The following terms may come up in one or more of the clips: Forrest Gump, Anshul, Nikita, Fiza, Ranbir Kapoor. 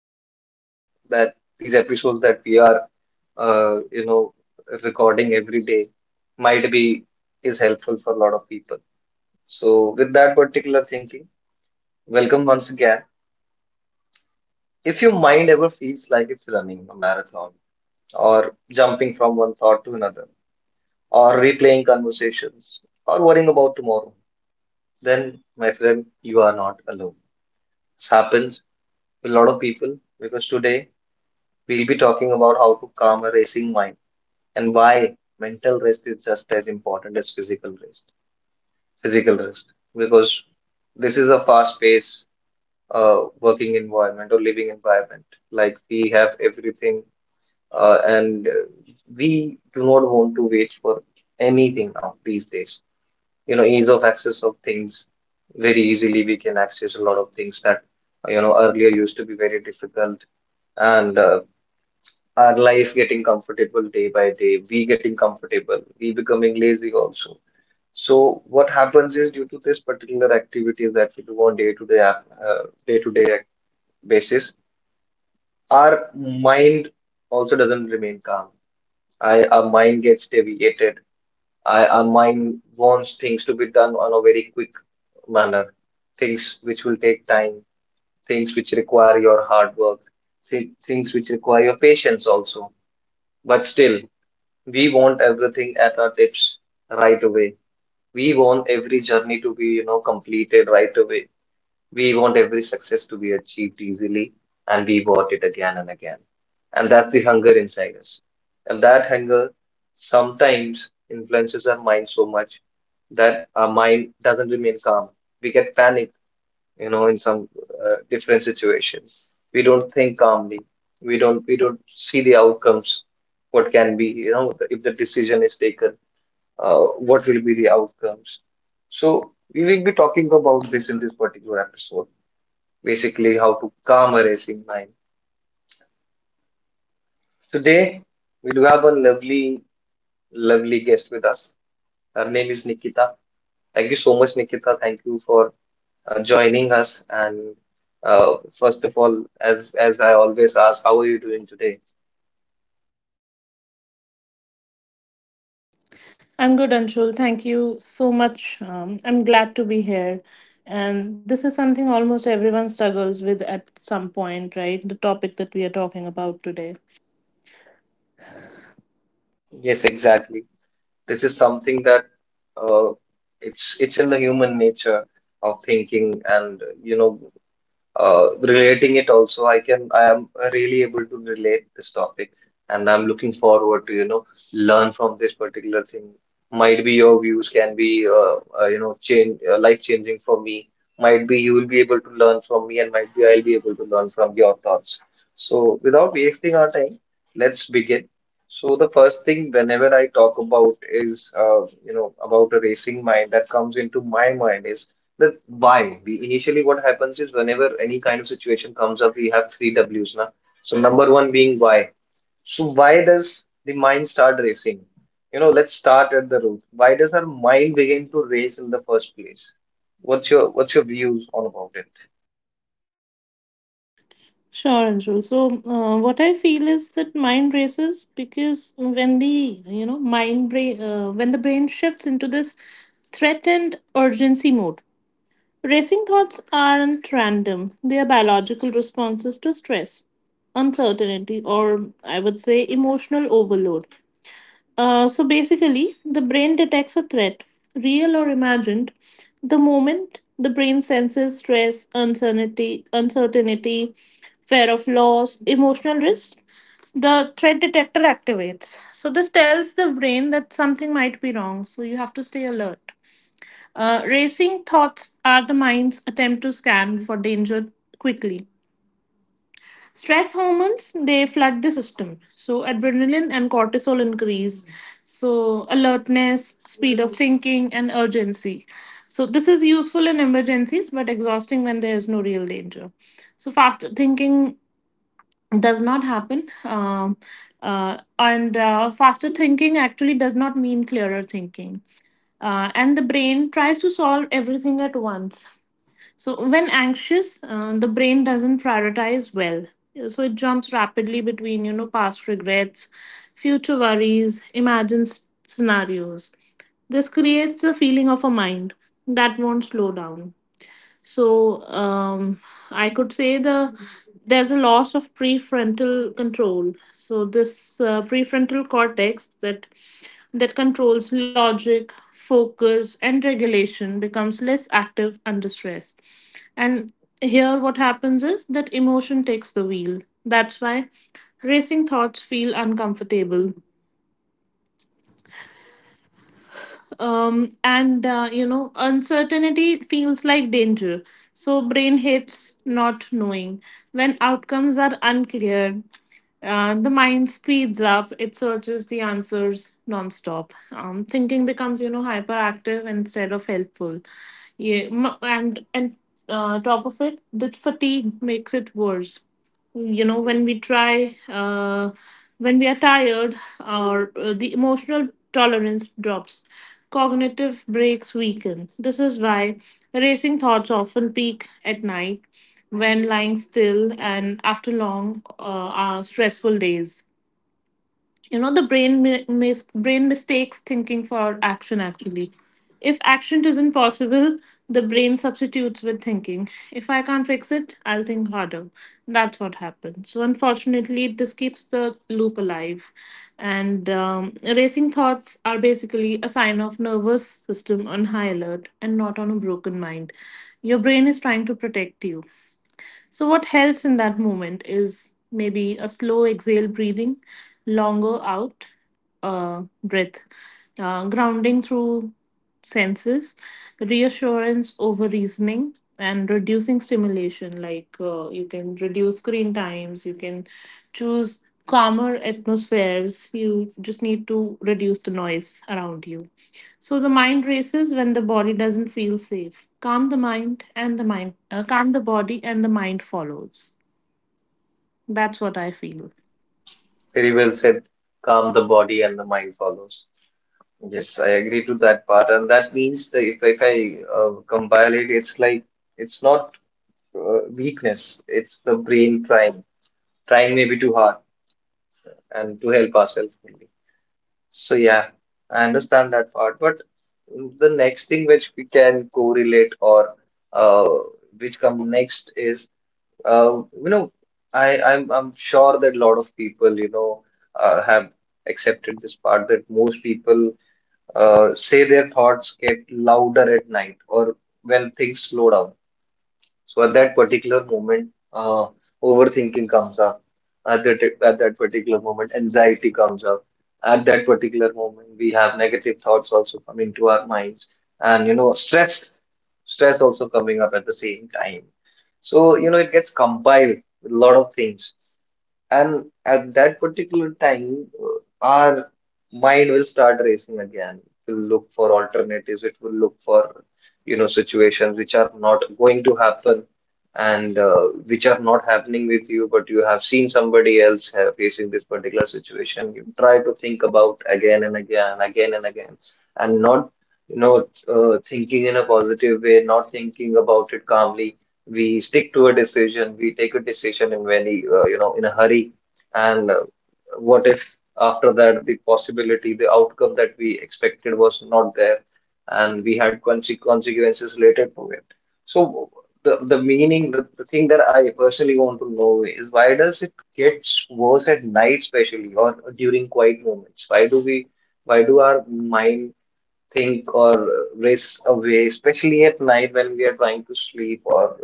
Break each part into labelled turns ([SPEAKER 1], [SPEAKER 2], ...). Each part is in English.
[SPEAKER 1] and believing that these episodes that we are, uh, you know, recording every day might be is helpful for a lot of people. So, with that particular thinking, welcome once again. If your mind ever feels like it's running a marathon, or jumping from one thought to another, or replaying conversations, or worrying about tomorrow, then, my friend, you are not alone. This happens to a lot of people because today we'll be talking about how to calm a racing mind and why mental rest is just as important as physical rest. Physical rest, because this is a fast paced working environment or living environment. Like we have everything and we do not want to wait for anything now these days. Ease of access of things very easily. We can access a lot of things that earlier used to be very difficult, and our life getting comfortable day by day. We getting comfortable. We becoming lazy also. So what happens is due to this particular activities that we do on day to day basis, our mind also doesn't remain calm. Our mind gets deviated. Our mind wants things to be done on a very quick manner, things which will take time, things which require your hard work, things which require your patience also. But still, we want everything at our tips right away. We want every journey to be, completed right away. We want every success to be achieved easily and we want it again and again. And that's the hunger inside us. And that hunger sometimes influences our mind so much that our mind doesn't remain calm. We get panic, in some different situations. We don't think calmly. We don't see the outcomes. What can be, if the decision is taken, uh, what will be the outcomes? So we will be talking about this in this particular episode, basically how to calm a racing mind. Today, we do have a lovely, lovely guest with us. Her name is Nikita. Thank you so much, Nikita. Thank you for joining us. And first of all, as I always ask, how are you doing today?
[SPEAKER 2] I'm good, Anshul. Thank you so much. I'm glad to be here. And this is something almost everyone struggles with at some point, right? The topic that we are talking about today.
[SPEAKER 1] Yes, exactly. This is something that uh, it's in the human nature of thinking, and relating it also, I am really able to relate this topic, and I'm looking forward to learn from this particular thing. Might be your views can be change, life changing for me. Might be you will be able to learn from me and might be I'll be able to learn from your thoughts. So without wasting our time, let's begin. So the first thing whenever I talk about is about a racing mind that comes into my mind is the why. We initially What happens is whenever any kind of situation comes up, we have three W's now. So number one being why. So why does the mind start racing? You know, let's start at the root. Why does our mind begin to race in the first place? What's your views on about it?
[SPEAKER 2] Sure, Anshul. So, what I feel is that mind races because when the you know mind brain when the brain shifts into this threatened urgency mode, racing thoughts aren't random. They are biological responses to stress, uncertainty, or I would say emotional overload. So basically, the brain detects a threat, real or imagined, the moment the brain senses stress, uncertainty, fear of loss, emotional risk. The threat detector activates. So this tells the brain that something might be wrong. So you have to stay alert. Racing thoughts are the mind's attempt to scan for danger quickly. Stress hormones, they flood the system. So adrenaline and cortisol increase, so alertness, speed of thinking, and urgency. So this is useful in emergencies but exhausting when there is no real danger. So faster thinking does not happen. And Faster thinking actually does not mean clearer thinking, and the brain tries to solve everything at once. So, when anxious, the brain doesn't prioritize well. So, it jumps rapidly between, you know, past regrets, future worries, imagined scenarios. This creates a feeling of a mind that won't slow down. So I could say the there's a loss of prefrontal control. So this prefrontal cortex that controls logic, focus, and regulation becomes less active under stress. And here, what happens is that emotion takes the wheel. That's why racing thoughts feel uncomfortable, and you know, uncertainty feels like danger. So brain hates not knowing. When outcomes are unclear, the mind speeds up, it searches the answers nonstop. Thinking becomes, you know, hyperactive instead of helpful. Yeah, and top of it, the fatigue makes it worse. You know, when we are tired or the emotional tolerance drops, cognitive breaks weaken. This is why racing thoughts often peak at night, when lying still and after long stressful days. You know, the brain mistakes thinking for action. Actually, if action isn't possible, the brain substitutes with thinking. If I can't fix it, I'll think harder. That's what happens. So unfortunately this keeps the loop alive. And Racing thoughts are basically a sign of nervous system on high alert and not on a broken mind. Your brain is trying to protect you. So what helps in that moment is maybe a slow exhale breathing, longer out breath, grounding through senses, reassurance over reasoning, and reducing stimulation. Like, you can reduce screen times, you can choose calmer atmospheres, you just need to reduce the noise around you. So the mind races when the body doesn't feel safe. Calm the body and the mind follows. That's what I feel.
[SPEAKER 1] Very well said. Calm the body and the mind follows. Yes, I agree to that part, and that means that if I compile it, it's like it's not weakness. It's the brain trying, trying maybe too hard, and to help ourselves only. So yeah, I understand that part. But the next thing which we can correlate or uh, which come next is uh, you know I'm sure that a lot of people have accepted this part that most people say their thoughts get louder at night or when things slow down, so at that particular moment, overthinking comes up. At that particular moment, anxiety comes up. At that particular moment, we have negative thoughts also coming to our minds, and you know, stress also coming up at the same time. So you know, it gets compiled with a lot of things, and at that particular time, our mind will start racing again. It will look for alternatives. It will look for, situations which are not going to happen and which are not happening with you, but you have seen somebody else facing this particular situation. You try to think about again and again and not, you know thinking in a positive way, not thinking about it calmly. We take a decision in very in a hurry, and what if after that the possibility, the outcome that we expected was not there, and we had consequences related to it. So the meaning, the thing that I personally want to know is why does it get worse at night, especially, or during quiet moments? Why do our mind think or race away, especially at night when we are trying to sleep, or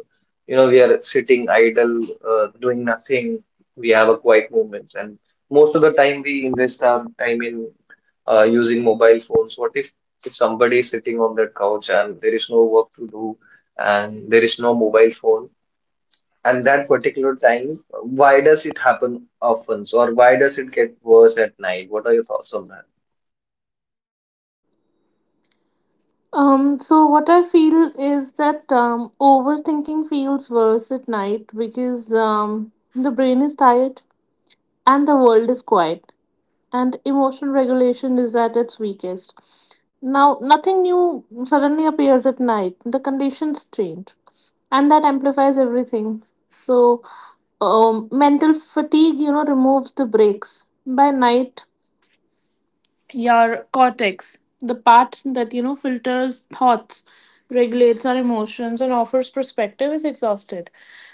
[SPEAKER 1] we are sitting idle, doing nothing. We have a quiet moments, and most of the time we invest our time in using mobile phones. What If somebody is sitting on their couch and there is no work to do and there is no mobile phone? And that particular time, why does it happen often? So, or why does it get worse at night? What are your thoughts on that?
[SPEAKER 2] So what I feel is that overthinking feels worse at night because the brain is tired and the world is quiet and emotion regulation is at its weakest. Now, nothing new suddenly appears at night. The conditions change and that amplifies everything. So, mental fatigue, you know, removes the breaks. By night, your cortex, the part that, you know, filters thoughts, regulates our emotions, and offers perspective, is exhausted.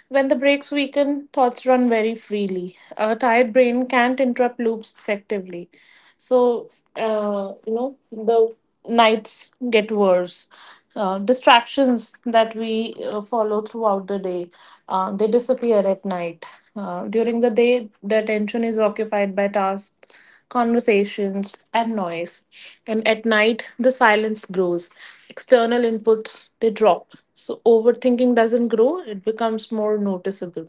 [SPEAKER 2] When the brakes weaken, thoughts run very freely. A tired brain can't interrupt loops effectively. So, you know, the nights get worse. Distractions that we follow throughout the day, they disappear at night. During the day, the attention is occupied by tasks, conversations, and noise. And at night, the silence grows. External inputs, they drop. So overthinking doesn't grow, it becomes more noticeable.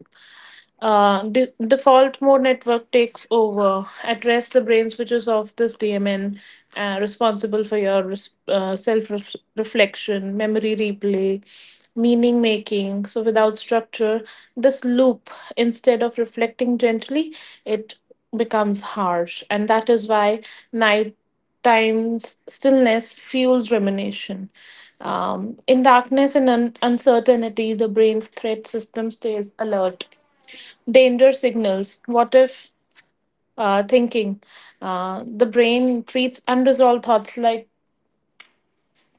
[SPEAKER 2] The default mode network takes over. At rest, the brain switches off this DMN, responsible for your self reflection, memory replay, meaning making. So, without structure, this loop, instead of reflecting gently, it becomes harsh, and that is why nighttime stillness fuels rumination. In darkness and uncertainty, the brain's threat system stays alert. Danger signals, what if, thinking. The brain treats unresolved thoughts like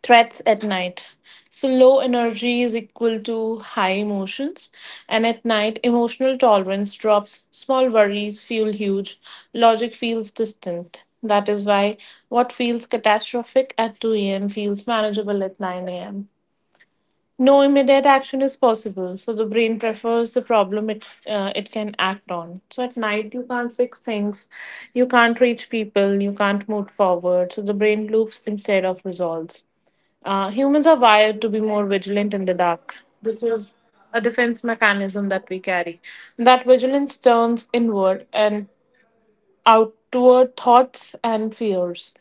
[SPEAKER 2] threats at night. So, low energy is equal to high emotions, and at night, emotional tolerance drops, small worries feel huge, logic feels distant. That is why what feels catastrophic at 2 a.m. feels manageable at 9 a.m. No immediate action is possible, so the brain prefers the problem it can act on. So, at night, you can't fix things, you can't reach people, you can't move forward, so the brain loops instead of resolves. Humans are wired to be more vigilant in the dark. This is a defense mechanism that we carry. That vigilance turns inward and outward thoughts and fears.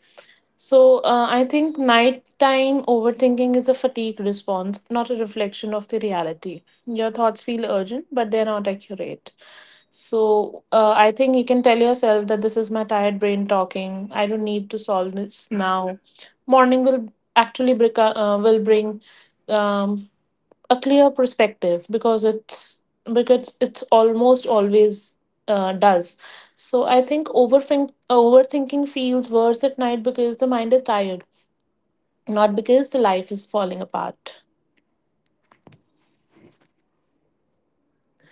[SPEAKER 2] So, I think nighttime overthinking is a fatigue response, not a reflection of the reality. Your thoughts feel urgent, but they're not accurate. So, I think you can tell yourself that this is my tired brain talking. I don't need to solve this now. Morning will actually will bring um, a clear perspective because it's almost always does. So I think overthinking feels worse at night because the mind is tired, not because the life is falling apart,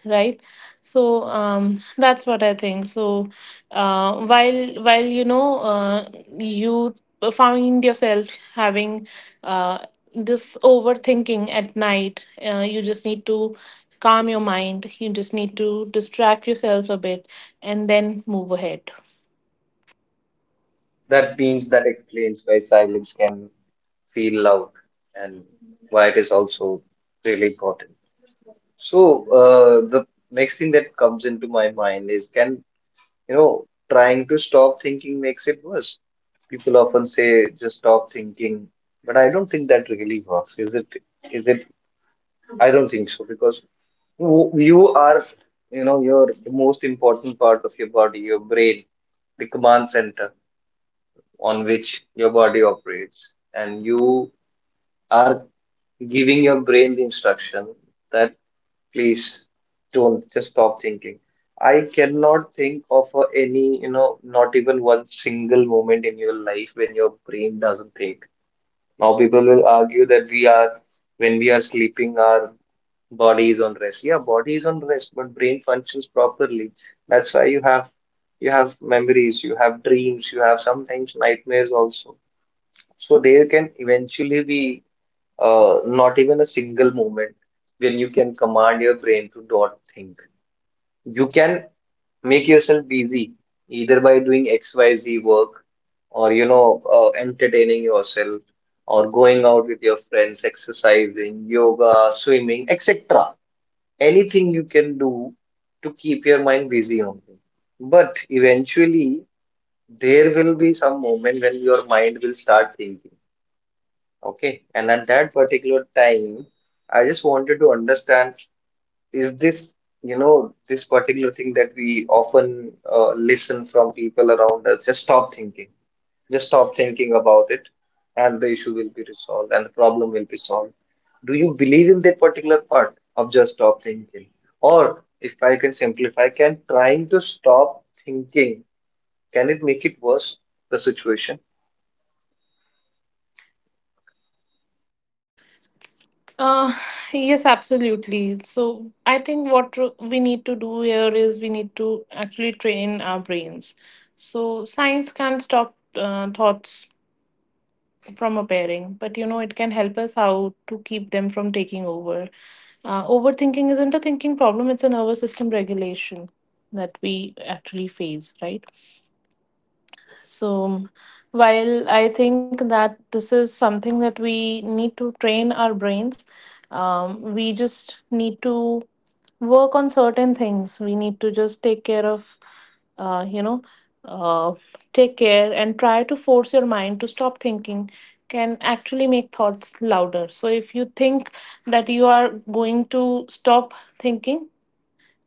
[SPEAKER 2] right? So, that's what I think. So while you know, you find yourself having uh this overthinking at night, you just need to calm your mind, you just need to distract yourself a bit and then move ahead.
[SPEAKER 1] That means that explains why silence can feel loud, and why it is also really important. So, the next thing that comes into my mind is, can, trying to stop thinking makes it worse. People often say just stop thinking, but I don't think that really works. Is it? Is it? I don't think so, because you are, you know, you're the most important part of your body, your brain, the command center on which your body operates, and you are giving your brain the instruction that please don't just stop thinking. I cannot think of any, you know, not even one single moment in your life when your brain doesn't think. Now, people will argue that when we are sleeping, our body is on rest. Yeah, body is on rest, but brain functions properly. That's why you have memories, you have dreams, you have sometimes nightmares also. So there can eventually be, not even a single moment when you can command your brain to not think. You can make yourself busy either by doing XYZ work or entertaining yourself, or going out with your friends, exercising, yoga, swimming, etc. Anything you can do to keep your mind busy only. But eventually there will be some moment when your mind will start thinking. Okay, and at that particular time, I just wanted to understand, is this, this particular thing that we often listen from people around us, just stop thinking about it, and the issue will be resolved and the problem will be solved. Do you believe in that particular part of just stop thinking? Or if I can simplify, can trying to stop thinking, can it make it worse, the situation?
[SPEAKER 2] Uh yes, absolutely. So I think what we need to do here is we need to actually train our brains. So science can not stop thoughts from appearing, but you know, it can help us how to keep them from taking over. Overthinking isn't a thinking problem, it's a nervous system regulation that we actually face, right? So, while I think that this is something that we need to train our brains, we just need to work on certain things. We need to just take care of, uh, you know, uh, take care, and try to force your mind to stop thinking can actually make thoughts louder. So, if you think that you are going to stop thinking,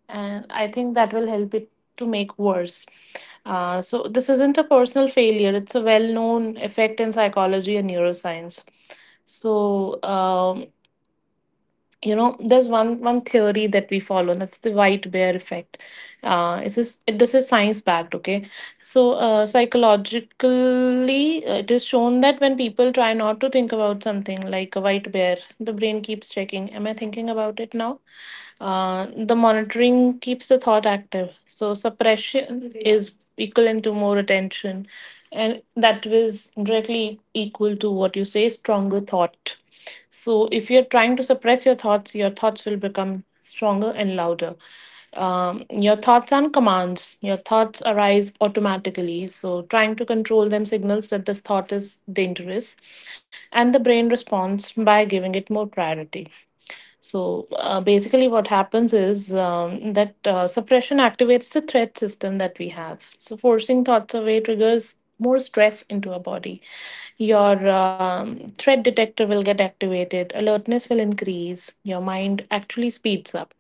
[SPEAKER 2] and I think that will help it to make worse. So this isn't a personal failure, it's a well-known effect in psychology and neuroscience. So, you know, there's one theory that we follow and that's the white bear effect. This is science backed, okay? So, psychologically, it is shown that when people try not to think about something like a white bear, the brain keeps checking, am I thinking about it now? The monitoring keeps the thought active. So suppression is equivalent to more attention, and that was directly equal to what you say, stronger thought. So if you're trying to suppress your thoughts will become stronger and louder. Your thoughts aren't commands. Your thoughts arise automatically. So trying to control them signals that this thought is dangerous, and the brain responds by giving it more priority. So basically, what happens is that suppression activates the threat system that we have. So forcing thoughts away triggers more stress into our body. Your threat detector will get activated, alertness will increase, your mind actually speeds up.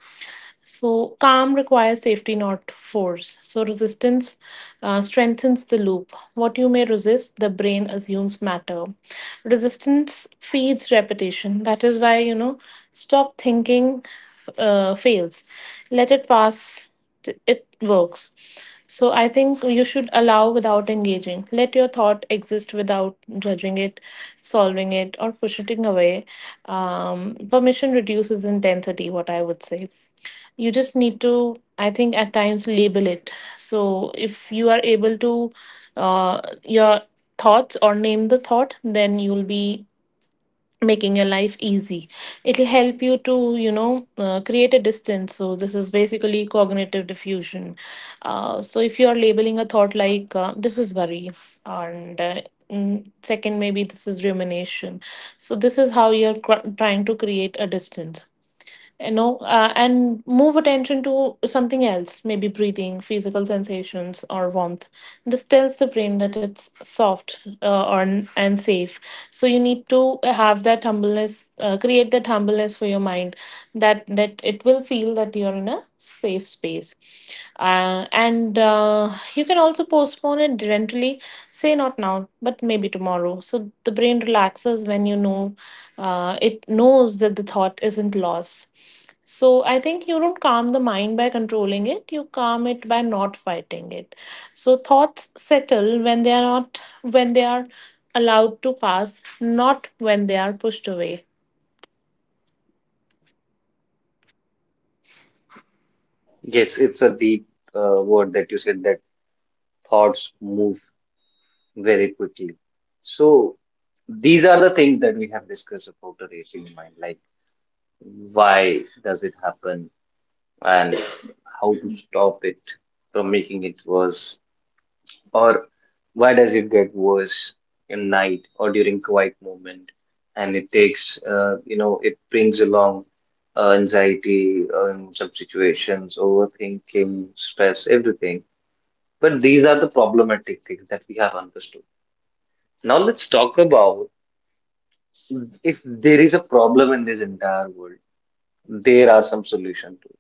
[SPEAKER 2] So, calm requires safety, not force. So, resistance strengthens the loop, what you may resist, the brain assumes matter. Resistance feeds repetition. That is why, you know, stop thinking fails. Let it pass. It works. So I think you should allow without engaging. Let your thought exist without judging it, solving it, or pushing it away. Permission reduces intensity. What I would say, you just need to, I think, at times label it. So if you are able to your thoughts or name the thought, then you'll be making your life easy. It'll help you to, you know, create a distance. So this is basically cognitive diffusion. So if you are labeling a thought like, this is worry, and second, maybe this is rumination. So this is how you're trying to create a distance, you know, and move attention to something else, maybe breathing, physical sensations, or warmth. This tells the brain that it's soft and safe. So you need to have that humbleness, create that humbleness for your mind, that it will feel that you're in a safe space. And you can also postpone it gently. Say not now, but maybe tomorrow. So the brain relaxes when, you know, it knows that the thought isn't loss. So I think you don't calm the mind by controlling it, you calm it by not fighting it. So thoughts settle when they are allowed to pass, not when they are pushed away.
[SPEAKER 1] Yes, it's a deep word that you said, that thoughts move very quickly. So these are the things that we have discussed about the racing mind, like why does it happen and how to stop it from making it worse, or why does it get worse in night or during quiet moment, and it takes, it brings along anxiety in some situations, overthinking, stress, everything. But these are the problematic things that we have understood. Now let's talk about, if there is a problem in this entire world, there are some solutions to it.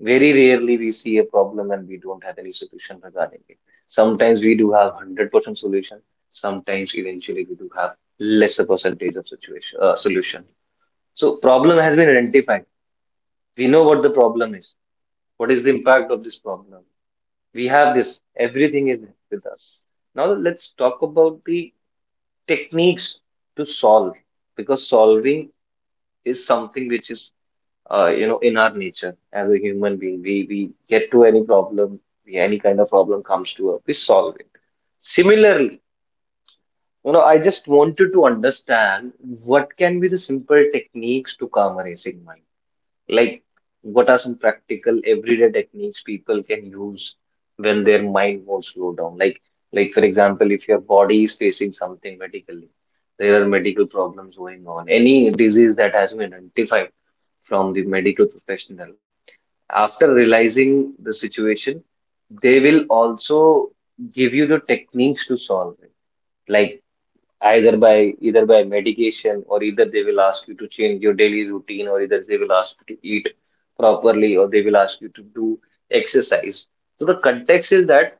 [SPEAKER 1] Very rarely we see a problem and we don't have any solution regarding it. Sometimes we do have 100% solution. Sometimes eventually we do have lesser percentage of situation solution. So problem has been identified. We know what the problem is. What is the impact of this problem? We have this. Everything is with us. Now let's talk about the techniques to solve, because solving is something which is in our nature. As a human being, we get to any problem. Any kind of problem comes to us, we solve it. Similarly, you know, I just wanted to understand what can be the simple techniques to calm a racing mind, like what are some practical everyday techniques people can use when their mind won't slow down, like for example, if your body is facing something medically, there are medical problems going on, any disease that has been identified from the medical professional. After realizing the situation, they will also give you the techniques to solve it, like either by medication, or either they will ask you to change your daily routine, or either they will ask you to eat properly, or they will ask you to do exercise. So the context is that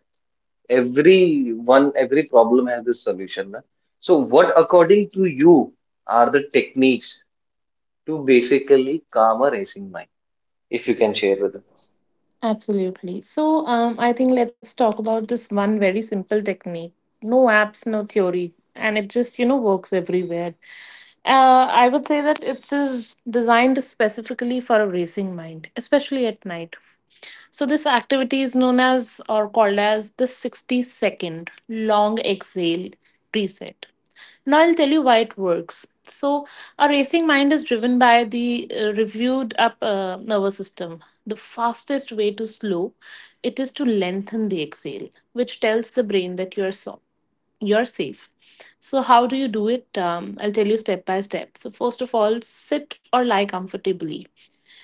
[SPEAKER 1] every problem has this solution. Na? So what, according to you, are the techniques to basically calm a racing mind, if you can share with us?
[SPEAKER 2] Absolutely. So I think let's talk about this one very simple technique. No apps, no theory. And it just, you know, works everywhere. I would say that it is designed specifically for a racing mind, especially at night. So this activity is known as or called as the 60-second long exhale reset. Now I'll tell you why it works. So a racing mind is driven by the reviewed up nervous system. The fastest way to slow it is to lengthen the exhale, which tells the brain that you're safe. So how do you do it? I'll tell you step by step. So first of all, sit or lie comfortably.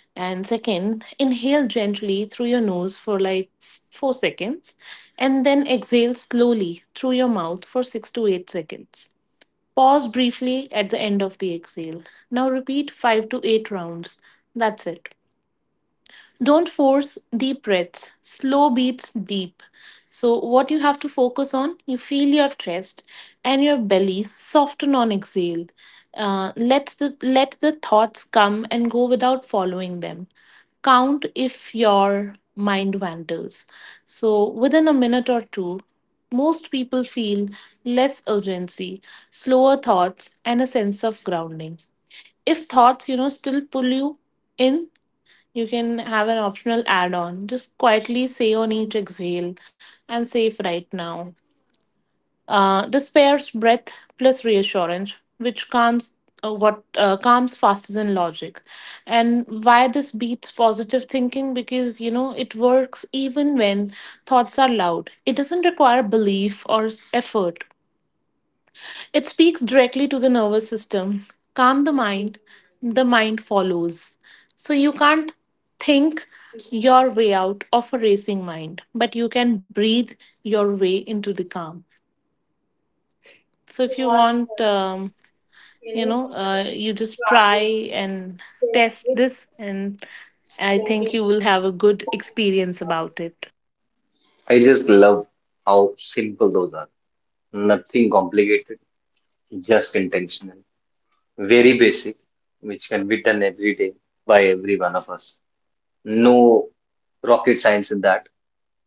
[SPEAKER 2] And second, inhale gently through your nose for like 4 seconds, and then exhale slowly through your mouth for 6 to 8 seconds. Pause briefly at the end of the exhale. Now repeat five to eight rounds. That's it. Don't force deep breaths, slow beats deep. So what you have to focus on, you feel your chest and your belly soften on exhale. Let the thoughts come and go without following them. Count if your mind wanders. So within a minute or two, most people feel less urgency, slower thoughts, and a sense of grounding. If thoughts, you know, still pull you in, you can have an optional add on. Just quietly say on each exhale, "And safe right now." This pairs breath plus reassurance, which calms faster than logic. And why this beats positive thinking? Because you know it works even when thoughts are loud. It doesn't require belief or effort. It speaks directly to the nervous system. Calm the mind follows. So you can't think your way out of a racing mind, but you can breathe your way into the calm. So if you want, you just try and test this, and I think you will have a good experience about it.
[SPEAKER 1] I just love how simple those are. Nothing complicated, just intentional. Very basic, which can be done every day by every one of us. No rocket science in that.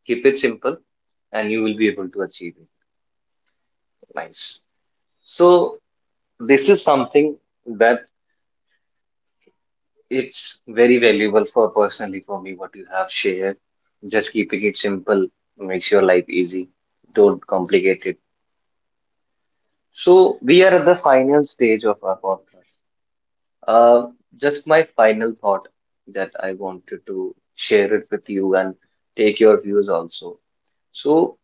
[SPEAKER 1] Keep it simple and you will be able to achieve it. Nice. So this is something that it's very valuable for, personally, for me, what you have shared. Just keeping it simple makes your life easy. Don't complicate it. So we are at the final stage of our podcast. Uh, just my final thought that I wanted to share it with you and take your views also. So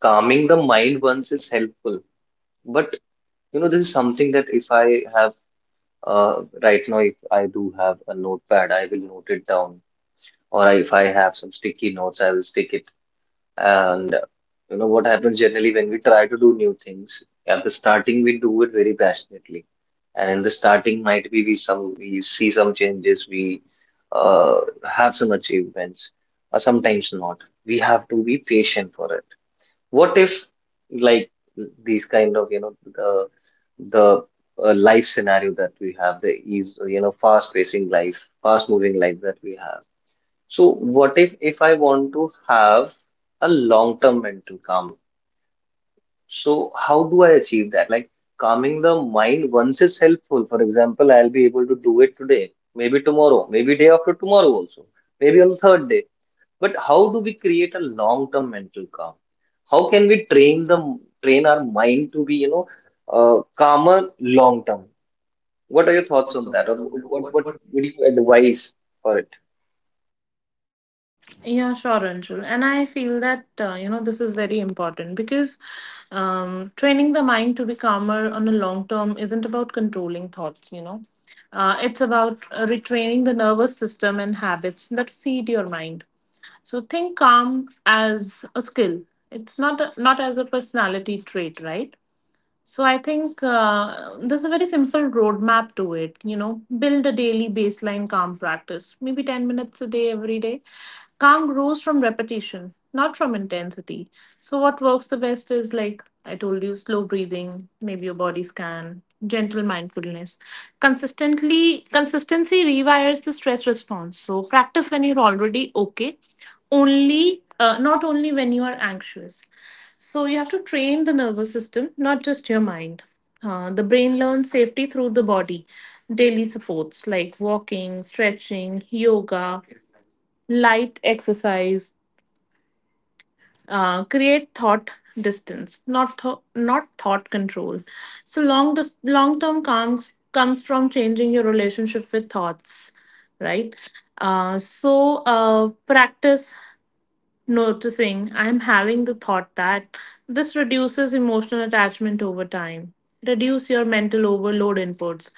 [SPEAKER 1] calming the mind once is helpful, but you know, this is something that if I have, right now, if I do have a notepad, I will note it down, or if I have some sticky notes, I will stick it. And you know what happens generally when we try to do new things: at the starting, we do it very passionately. And in the starting, might be we see some changes, we uh, have some achievements, or sometimes not. We have to be patient for it. What if, like, these kind of, you know, the life scenario that we have, the ease, you know, fast-pacing life, fast-moving life that we have, so what if, I want to have a long-term mental calm? So how do I achieve that? Like, calming the mind once is helpful. For example, I'll be able to do it today, maybe tomorrow, maybe day after tomorrow also, maybe on the third day. But how do we create a long-term mental calm? How can we train our mind to be, you know, calmer long term? What are your thoughts on that? Or what would you advise for it?
[SPEAKER 2] Yeah, sure, Anshul. And I feel that, you know, this is very important because training the mind to be calmer on a long term isn't about controlling thoughts, you know. It's about retraining the nervous system and habits that feed your mind. So think calm as a skill. It's not as a personality trait, right? So I think there's a very simple roadmap to it. You know, build a daily baseline calm practice, maybe 10 minutes a day every day. Calm grows from repetition, not from intensity. So what works the best is like I told you, slow breathing, maybe a body scan, gentle mindfulness. Consistently, consistency rewires the stress response. So practice when you're already okay, only not only when you are anxious, so you have to train the nervous system, not just your mind. The brain learns safety through the body. Daily supports like walking, stretching, yoga, light exercise, create thought distance, not thought control. So long term comes from changing your relationship with thoughts, right? Practice noticing, I'm having the thought that this reduces emotional attachment over time. Reduce your mental overload inputs.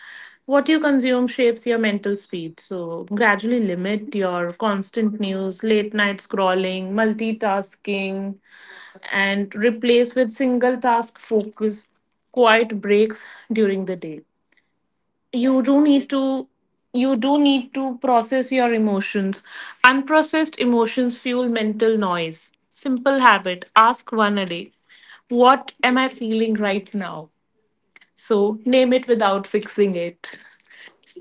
[SPEAKER 2] What you consume shapes your mental speed. So gradually limit your constant news, late night scrolling, multitasking, and replace with single task focus, quiet breaks during the day. you do need to you do need to process your emotions. Unprocessed emotions fuel mental noise. Simple habit, ask one a day, what am I feeling right now? So name it without fixing it.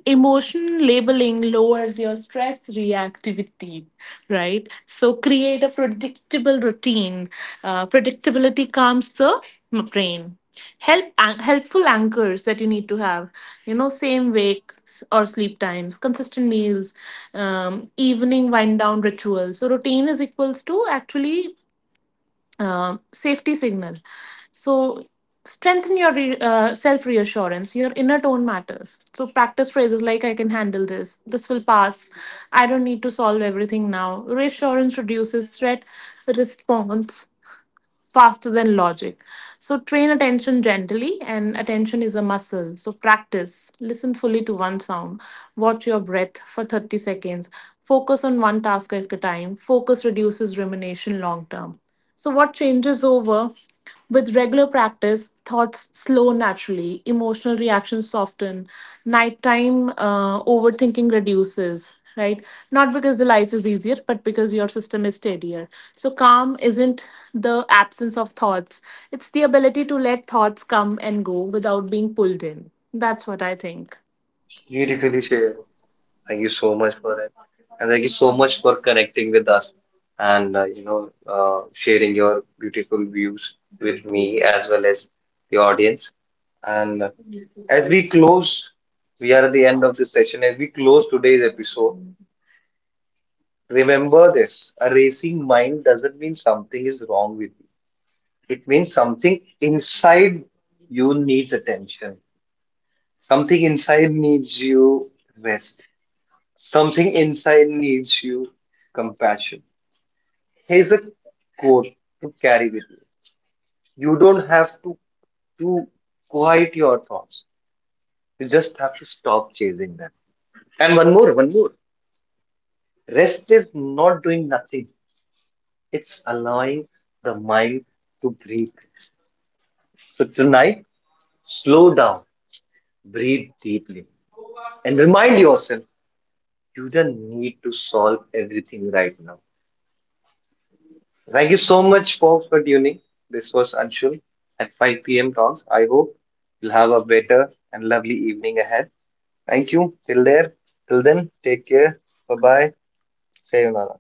[SPEAKER 2] Emotion labeling lowers your stress reactivity, right? So create a predictable routine. Predictability calms the brain. Helpful anchors that you need to have, you know, same or sleep times, consistent meals, evening wind down rituals. So routine is equals to actually safety signal. So self reassurance. Your inner tone matters. So practice phrases like "I can handle this," "This will pass," "I don't need to solve everything now." Reassurance reduces threat response faster than logic. So train attention gently, and attention is a muscle. So practice. Listen fully to one sound. Watch your breath for 30 seconds. Focus on one task at a time. Focus reduces rumination long term. So what changes over? With regular practice, thoughts slow naturally, emotional reactions soften, nighttime overthinking reduces, right? Not because the life is easier, but because your system is steadier. So calm isn't the absence of thoughts, it's the ability to let thoughts come and go without being pulled in. That's what I think.
[SPEAKER 1] You really share. Thank you so much for it. And thank you so much for connecting with us and sharing your beautiful views with me as well as the audience. And as we close, we are at the end of this session. As we close today's episode, remember this: a racing mind doesn't mean something is wrong with you. It means something inside you needs attention. Something inside needs you rest. Something inside needs you compassion. Here's a quote to carry with you. You don't have to quiet your thoughts. You just have to stop chasing them. And one more. Rest is not doing nothing. It's allowing the mind to breathe. So tonight, slow down, breathe deeply, and remind yourself, you don't need to solve everything right now. Thank you so much, folks, for tuning. This was Anshul at 5 p.m. Talks. I hope you'll have a better and lovely evening ahead. Thank you. Till then, take care. Bye bye. Sayonara.